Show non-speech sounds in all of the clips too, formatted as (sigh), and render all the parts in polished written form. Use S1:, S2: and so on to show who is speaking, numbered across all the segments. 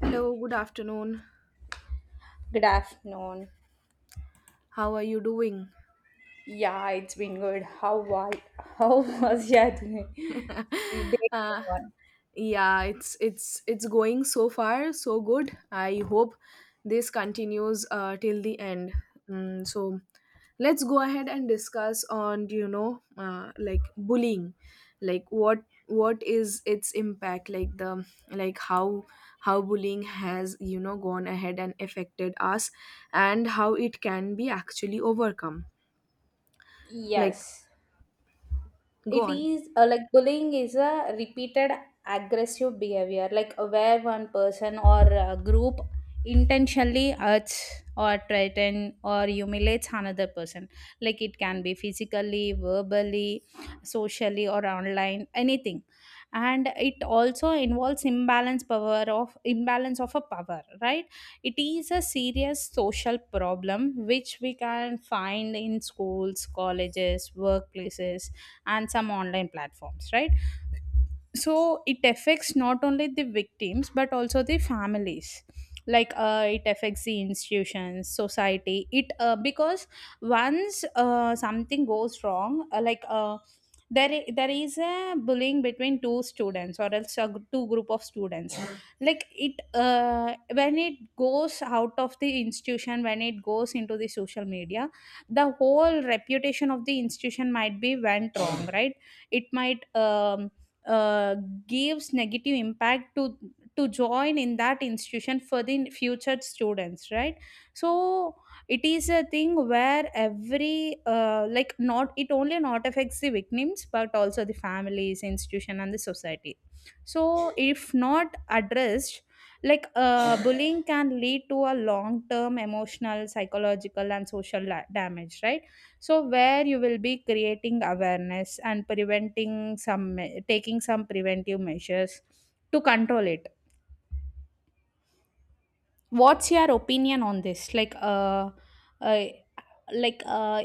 S1: Hello, good afternoon.
S2: Good afternoon.
S1: How are you doing?
S2: Yeah, it's been good. How (laughs) was your day? Day
S1: (laughs) uh,
S2: one?
S1: yeah, it's going so far so good. I hope this continues till the end. So let's go ahead and discuss on like bullying, like what is its impact, like the like how bullying has gone ahead and affected us, and how it can be actually overcome, like
S2: Yes.
S1: go
S2: it
S1: on.
S2: is uh, like, bullying is a repeated aggressive behavior, where one person or a group intentionally hurts or threatens or humiliates another person. Like it can be physically, verbally, socially, or online, anything. And it also involves imbalance power of imbalance of a power, right? It is a serious social problem which we can find in schools, colleges, workplaces, and some online platforms, right? So it affects not only the victims but also the families. Like, it affects the institutions, society. It, because once something goes wrong, there is a bullying between two students, or else a two group of students. Like it uh, when it goes out of the institution, when it goes into the social media, the whole reputation of the institution might be went wrong, right? It might uh, gives negative impact to join in that institution for the future students, right? So it is a thing where every like not it only not affects the victims but also the families, institution, and the society. So if not addressed, bullying can lead to a long term emotional, psychological, and social damage, right? So where you will be creating awareness and taking some preventive measures to control it. What's your opinion on this? Uh like uh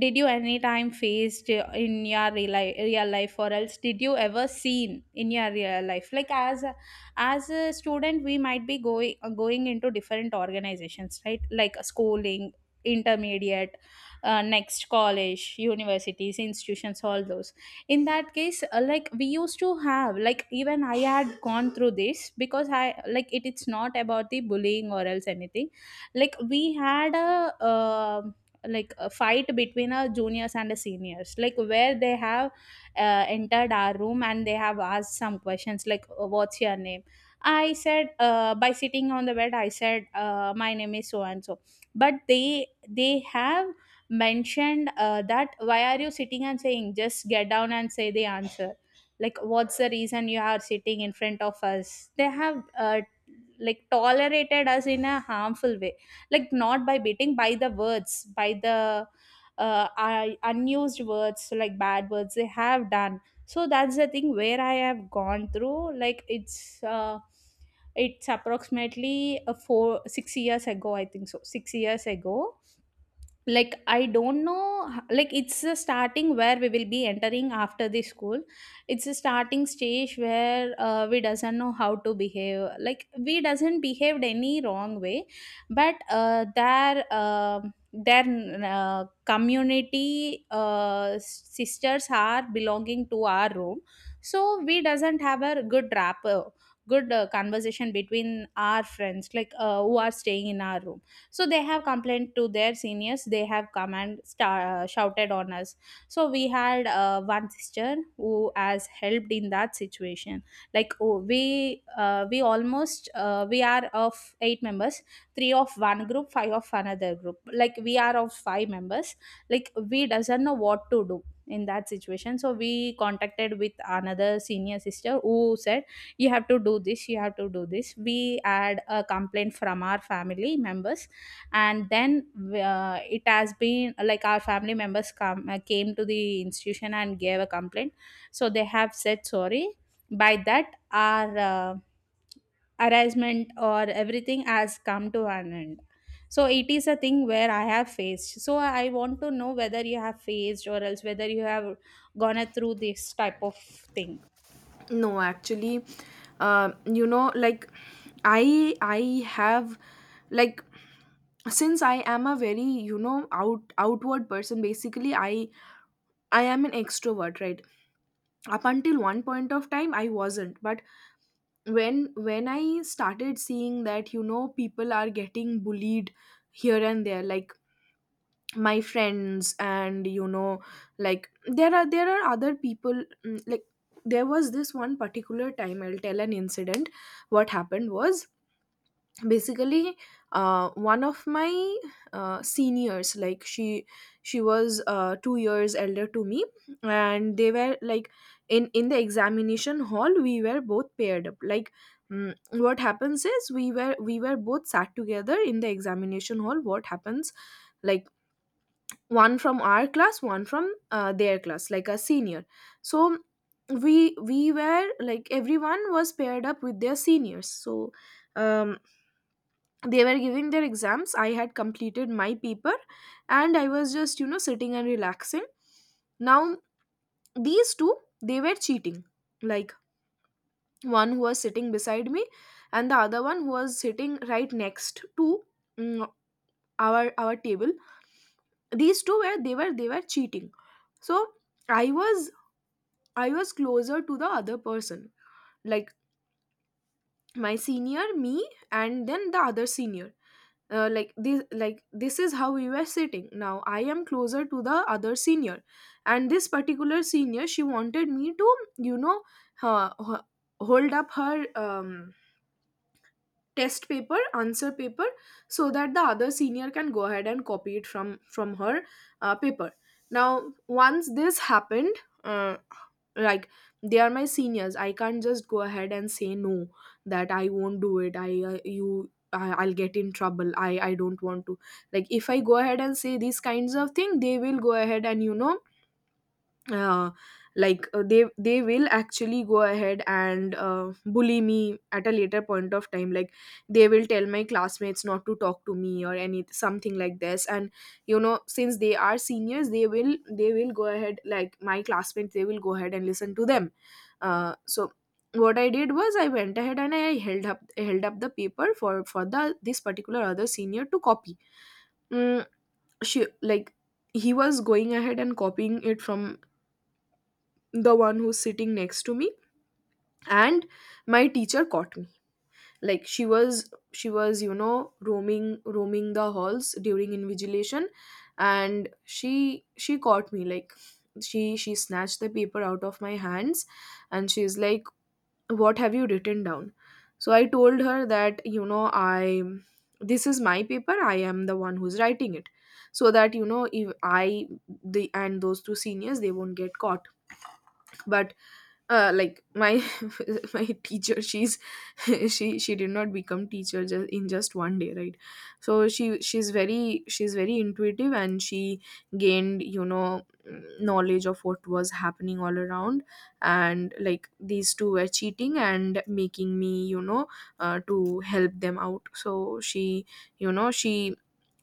S2: did you any time faced in your real life, or else did you ever seen in your real life? Like as a student we might be going into different organizations, right? Like schooling, intermediate, next college, universities, institutions, all those. In that case like we used to have, like even I had gone through this because I like it's not about the bullying or else anything. Like we had a like a fight between our juniors and the seniors, like where they have entered our room and they have asked some questions like what's your name. I said, by sitting on the bed I said, my name is so and so. But they have mentioned that why are you sitting and saying, just get down and say the answer. Like what's the reason you are sitting in front of us? They have like tolerated us in a harmful way. Like, not by beating, by the words, by the unused words, like bad words, they have done. So that's the thing where I have gone through. Like, it's approximately a 4, 6 years ago, I think, so 6 years ago. Like I don't know, like it's a starting where we will be entering after the school. It's a starting stage where we doesn't know how to behave. Like we doesn't behaved any wrong way. But their community sisters are belonging to our room. So we doesn't have a good rapport, good conversation between our friends who are staying in our room. So they have complained to their seniors. They have come and shouted on us. So we had one sister who has helped in that situation. Like, oh, we almost, we are of eight members. Three of one group, five of another group, like we are of five members. Like we doesn't know what to do in that situation. So we contacted with another senior sister who said, you have to do this, you have to do this. We had a complaint from our family members. And then it has been like our family members come came to the institution and gave a complaint. So they have said sorry. By that our harassment or everything has come to an end. So it is a thing where I have faced. So I want to know whether you have faced or else whether you have gone through this type of thing.
S1: No, actually, uh, you know, like I have, like, since I am a very outward person. Basically, I am an extrovert, right? Up until one point of time, I wasn't. But when I started seeing that you know people are getting bullied here and there, like my friends and like there are other people, like there was this one particular time, I'll tell an incident. What happened was, basically, one of my seniors, like she was 2 years elder to me, and they were like, in the examination hall we were both paired up, like, what happens is, we were both sat together in the examination hall. What happens, like, one from our class, one from their class, like a senior. So we were like everyone was paired up with their seniors. So um, they were giving their exams, I had completed my paper, and I was just you know sitting and relaxing. Now these two, they were cheating, like one who was sitting beside me and the other one who was sitting right next to, mm, our table, these two were, they were cheating. So I was, I was closer to the other person, like my senior, me, and then the other senior. Like this is how we were sitting. Now I am closer to the other senior, and this particular senior she wanted me to you know uh, ho- hold up her test paper, answer paper, so that the other senior can go ahead and copy it from her paper. Now once this happened, uh, like they are my seniors, I can't just go ahead and say no, that I won't do it. I'll get in trouble. I don't want to, like, if I go ahead and say these kinds of thing they will go ahead and uh, they will actually go ahead and bully me at a later point of time, like they will tell my classmates not to talk to me or any something like this, and you know since they are seniors they will go ahead, like my classmates they will go ahead and listen to them. So what I did was, I went ahead and I held up the paper for the this particular other senior to copy. mm, she, like, he was going ahead and copying it from the one who's sitting next to me, and my teacher caught me. Like she was, she was you know roaming the halls during invigilation, and she caught me, like she snatched the paper out of my hands, and she's like, what have you written down? So I told her that, you know, I, this is my paper, I am the one who's writing it, so that you know if I, the, and those two seniors they won't get caught. But my (laughs) my teacher, she's (laughs) she did not become teacher just in just one day, right? So she's very, she's very intuitive, and she gained you know knowledge of what was happening all around, and like these two were cheating and making me you know to help them out. So she you know she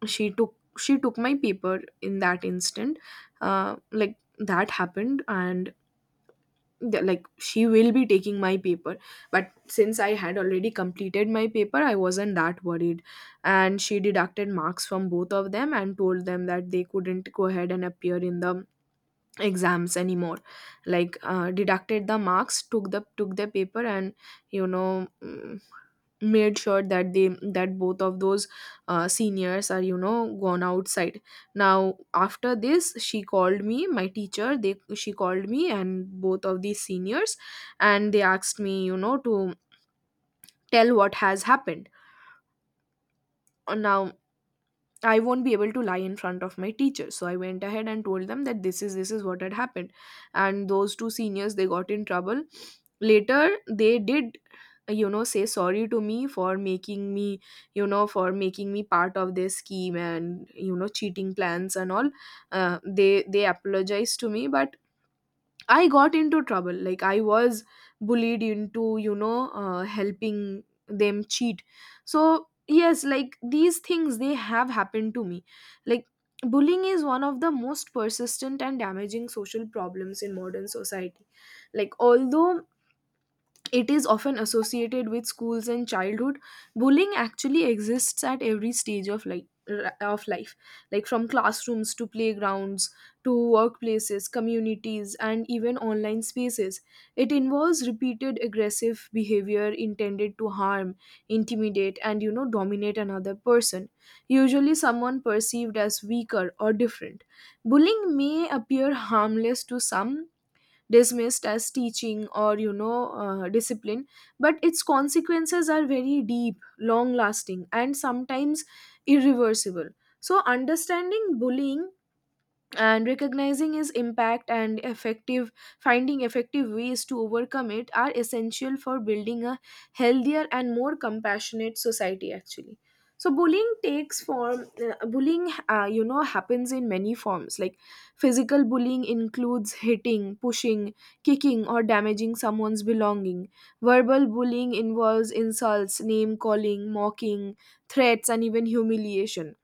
S1: she took my paper in that instant. That happened, and she will be taking my paper. But since I had already completed my paper I wasn't that worried, and she deducted marks from both of them and told them that they couldn't go ahead and appear in the exams anymore, like deducted the marks, took the paper, and you know, made sure that they that both of those seniors are you know gone outside. Now after this she called me, my teacher, they she called me and both of these seniors, and they asked me you know to tell what has happened. Now I won't be able to lie in front of my teacher. So I went ahead and told them that this is what had happened. And those two seniors they got in trouble. Later they did you know say sorry to me for making me, you know, for making me part of their scheme and you know cheating plans and all. They apologized to me, but I got into trouble. Like I was bullied into, you know, helping them cheat. So yes, like these things they have happened to me. Like bullying is one of the most persistent and damaging social problems in modern society. Like although it is often associated with schools and childhood, bullying actually exists at every stage of life of life like from classrooms to playgrounds to workplaces, communities, and even online spaces. It involves repeated aggressive behavior intended to harm, intimidate, and you know dominate another person, usually someone perceived as weaker or different. Bullying may appear harmless to some, dismissed as teaching or discipline, but its consequences are very deep, long lasting, and sometimes irreversible. So understanding bullying and recognizing its impact, and effective finding effective ways to overcome it are essential for building a healthier and more compassionate society, actually. So bullying takes form bullying you know happens in many forms, like physical bullying includes hitting, pushing, kicking, or damaging someone's belonging. Verbal bullying involves insults, name calling, mocking, threats, and even humiliation.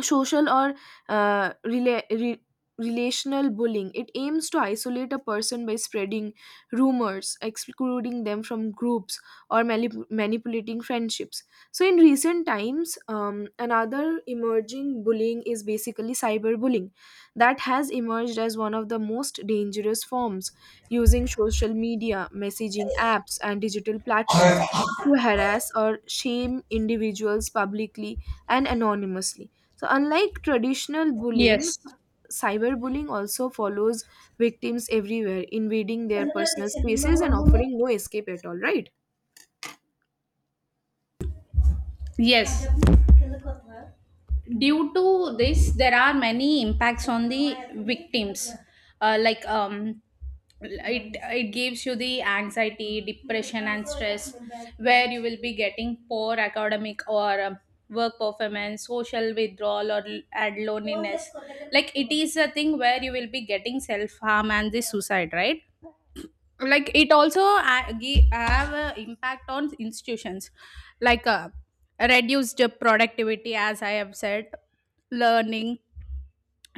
S1: Social or uh, rela- re- relational bullying, it aims to isolate a person by spreading rumors, excluding them from groups, or manipulating friendships. So in recent times another emerging bullying is basically cyberbullying, that has emerged as one of the most dangerous forms, using social media, messaging apps, and digital platforms to harass or shame individuals publicly and anonymously. So, unlike traditional bullying,
S2: Yes.
S1: cyberbullying also follows victims everywhere, invading their personal spaces and offering no escape at all, right?
S2: Yes, due to this, there are many impacts on the victims. Like it gives you the anxiety, depression, and stress, where you will be getting poor academic, or work performance, social withdrawal, and loneliness. Like it is a thing where you will be getting self harm and the suicide, right? Like it also have a impact on institutions. Like, reduced productivity, as I have said, learning,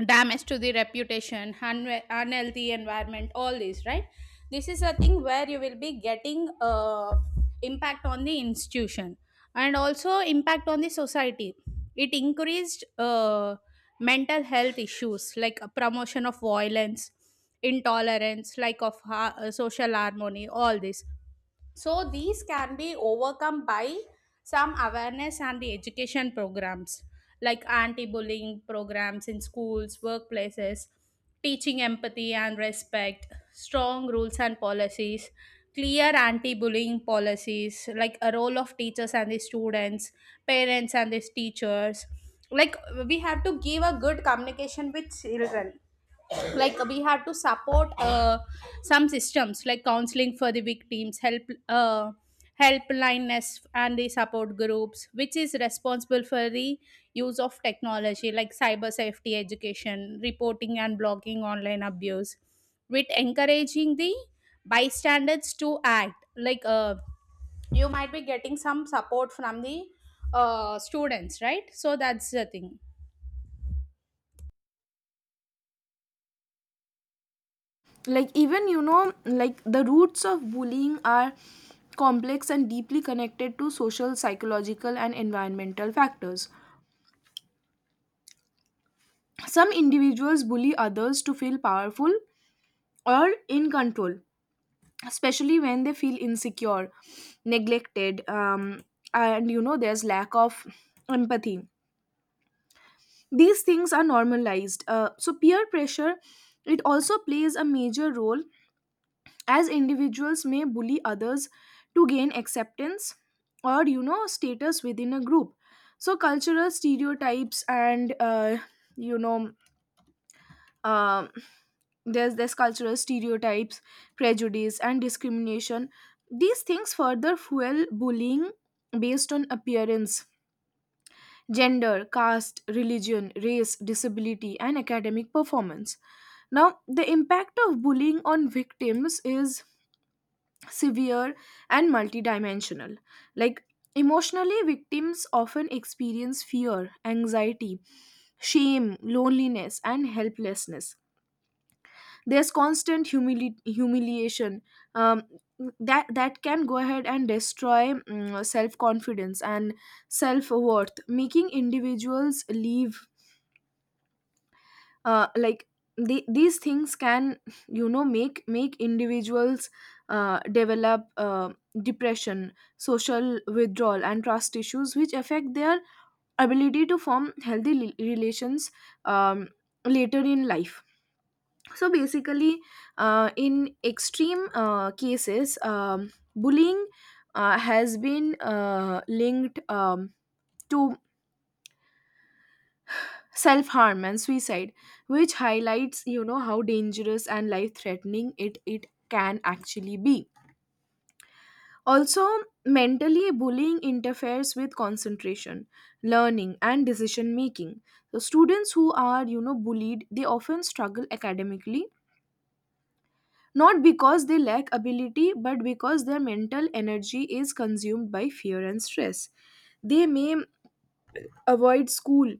S2: damage to the reputation, un unhealthy environment, all these, right? This is a thing where you will be getting impact on the institution, and also impact on the society. It increased mental health issues, like a promotion of violence, intolerance, like of social harmony, all this. So these can be overcome by some awareness and the education programs, like anti-bullying programs in schools, workplaces, teaching empathy and respect, strong rules and policies, clear anti-bullying policies, like a role of teachers and the students, parents and the teachers. Like we have to give a good communication with children. Like we have to support some systems, like counseling for the victims help, uh, helplines and the support groups, which is responsible for the use of technology, like cyber safety education, reporting and blocking online abuse, with encouraging the bystanders to act. Like, you might be getting some support from the students, right? So that's the thing.
S1: Like, even you know, like the roots of bullying are complex and deeply connected to social, psychological, and environmental factors. Some individuals bully others to feel powerful or in control, especially when they feel insecure, neglected, and you know, there's lack of empathy, these things are normalized. So peer pressure, it also plays a major role, as individuals may bully others to gain acceptance or you know status within a group. So cultural stereotypes and you know um there's cultural stereotypes, prejudice, and discrimination, these things further fuel bullying based on appearance, gender, caste, religion, race, disability, and academic performance. Now, the impact of bullying on victims is severe and multidimensional. Like, emotionally, victims often experience fear, anxiety, shame, loneliness, and helplessness. There's constant humiliation um, that, can go ahead and destroy self confidence and self worth, making individuals leave, uh, like these things can (laughs) you know make individuals develop depression, social withdrawal, and trust issues, which affect their ability to form healthy relations um, later in life. So basically, in extreme cases, bullying has been linked to self harm and suicide, which highlights you know how dangerous and life threatening it can actually be. Also, mentally, bullying interferes with concentration, learning, and decision making. So students who are you know bullied, they often struggle academically, not because they lack ability but because their mental energy is consumed by fear and stress. They may avoid school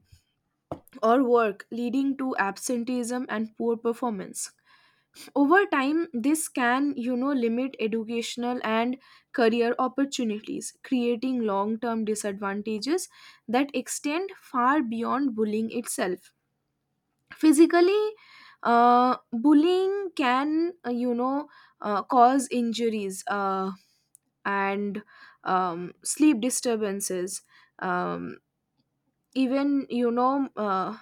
S1: or work, leading to absenteeism and poor performance. Over time this can you know limit educational and career opportunities, creating long term disadvantages that extend far beyond bullying itself. Physically, bullying can cause injuries, and sleep disturbances, um, even you know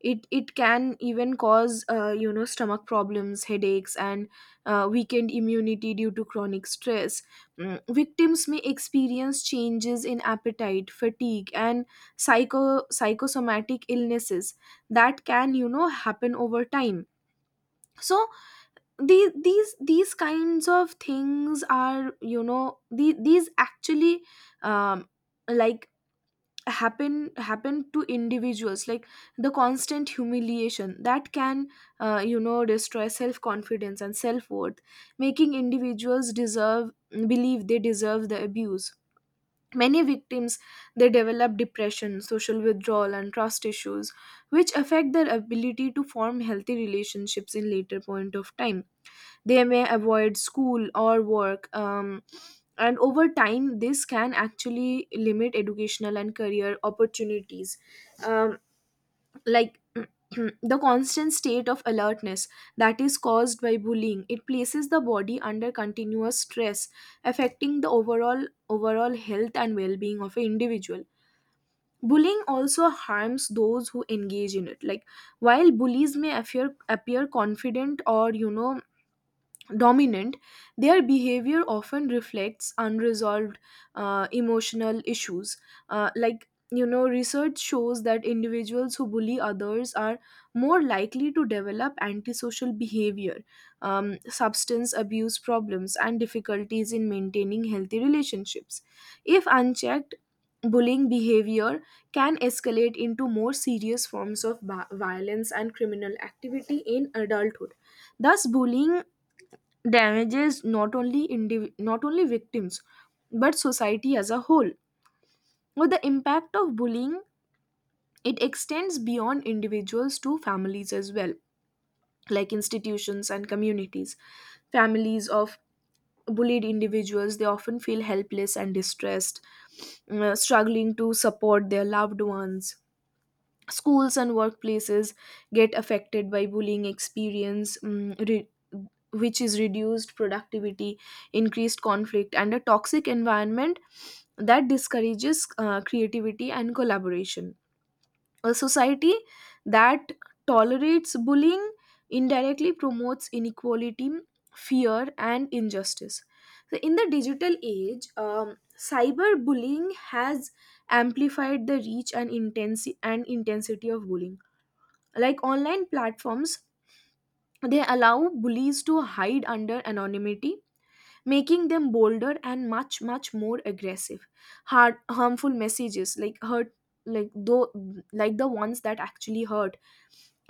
S1: it it can even cause stomach problems, headaches, and weakened immunity due to chronic stress. Victims may experience changes in appetite, fatigue, and psychosomatic illnesses that can you know happen over time. So these kinds of things are you know these actually um, like happen to individuals, like the constant humiliation that can you know destroy self confidence and self worth, making individuals deserve believe they deserve the abuse. Many victims, they develop depression, social withdrawal, and trust issues, which affect their ability to form healthy relationships in later point of time. They may avoid school or work. And over time, this can actually limit educational and career opportunities. um, like, (clears throat) the constant state of alertness that is caused by bullying, it places the body under continuous stress, affecting the overall health and well-being of an individual. Bullying also harms those who engage in it. Like, while bullies may appear confident or, you know, dominant, their behavior often reflects unresolved emotional issues. Like, you know, research shows that individuals who bully others are more likely to develop antisocial behavior, substance abuse problems, and difficulties in maintaining healthy relationships. If unchecked, bullying behavior can escalate into more serious forms of violence and criminal activity in adulthood. Thus, bullying damages not only not only victims, but society as a whole. With the impact of bullying, it extends beyond individuals to families as well, like institutions and communities. Families of bullied individuals, they often feel helpless and distressed, struggling to support their loved ones. Schools and workplaces get affected by bullying experience, which is reduced productivity, increased conflict, and a toxic environment that discourages creativity and collaboration. A society that tolerates bullying indirectly promotes inequality, fear, and injustice. So, in the digital age, cyberbullying has amplified the reach and intensity of bullying. Like, online platforms, they allow bullies to hide under anonymity, making them bolder and much more aggressive. Harmful messages like hurt, like though, like the ones that actually hurt,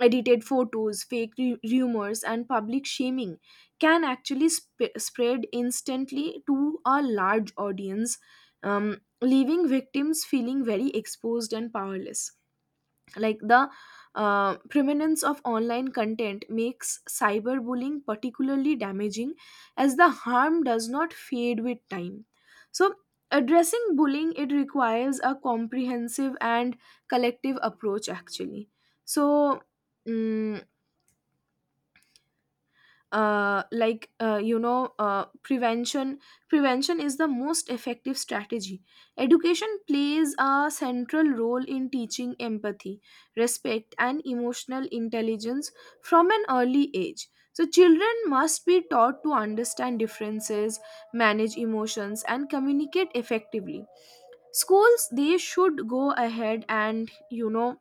S1: edited photos, fake rumors, and public shaming can actually spread instantly to a large audience, leaving victims feeling very exposed and powerless. Like, the preeminence of online content makes cyberbullying particularly damaging, as the harm does not fade with time. So, addressing bullying, it requires a comprehensive and collective approach actually. so mm, Prevention, prevention is the most effective strategy. Education plays a central role in teaching empathy, respect, and emotional intelligence from an early age, so children must be taught to understand differences, manage emotions, and communicate effectively. Schools, they should go ahead and, you know,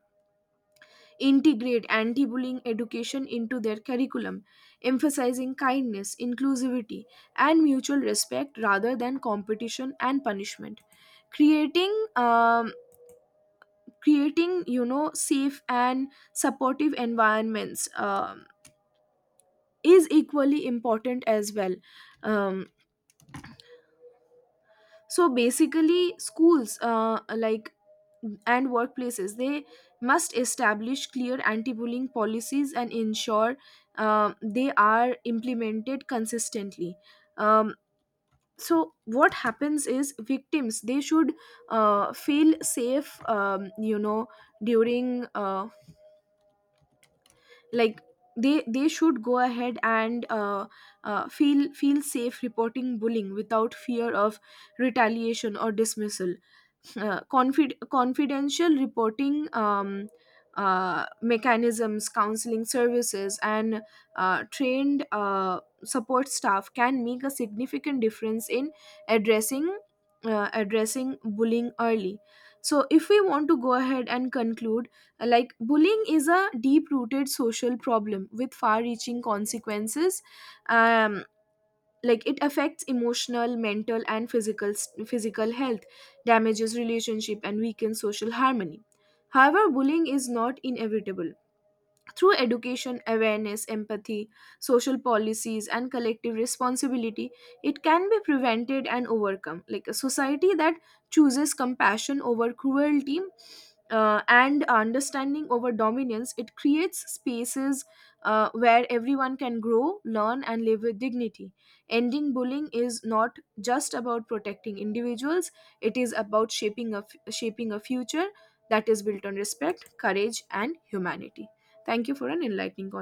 S1: integrate anti bullying education into their curriculum, emphasizing kindness, inclusivity, and mutual respect rather than competition and punishment. Creating, um, Creating, you know, safe and supportive environments is equally important as well. Um, so basically, schools, like, and workplaces, they must establish clear anti-bullying policies and ensure they are implemented consistently. um, so, what happens is, victims, they should feel safe, you know, during, like they should go ahead and, feel safe reporting bullying without fear of retaliation or dismissal. Confidential reporting mechanisms, counseling services, and trained support staff can make a significant difference in addressing addressing bullying early. So, if we want to go ahead and conclude, like, bullying is a deep-rooted social problem with far-reaching consequences. Um, like, it affects emotional, mental, and physical health, damages relationship, and weakens social harmony. However, bullying is not inevitable. Through education, awareness, empathy, social policies, and collective responsibility, it can be prevented and overcome. Like, a society that chooses compassion over cruelty and understanding over dominance, it creates spaces where everyone can grow, learn, and live with dignity. Ending bullying is not just about protecting individuals, it is about shaping shaping a future that is built on respect, courage, and humanity. Thank you for an enlightening conversation.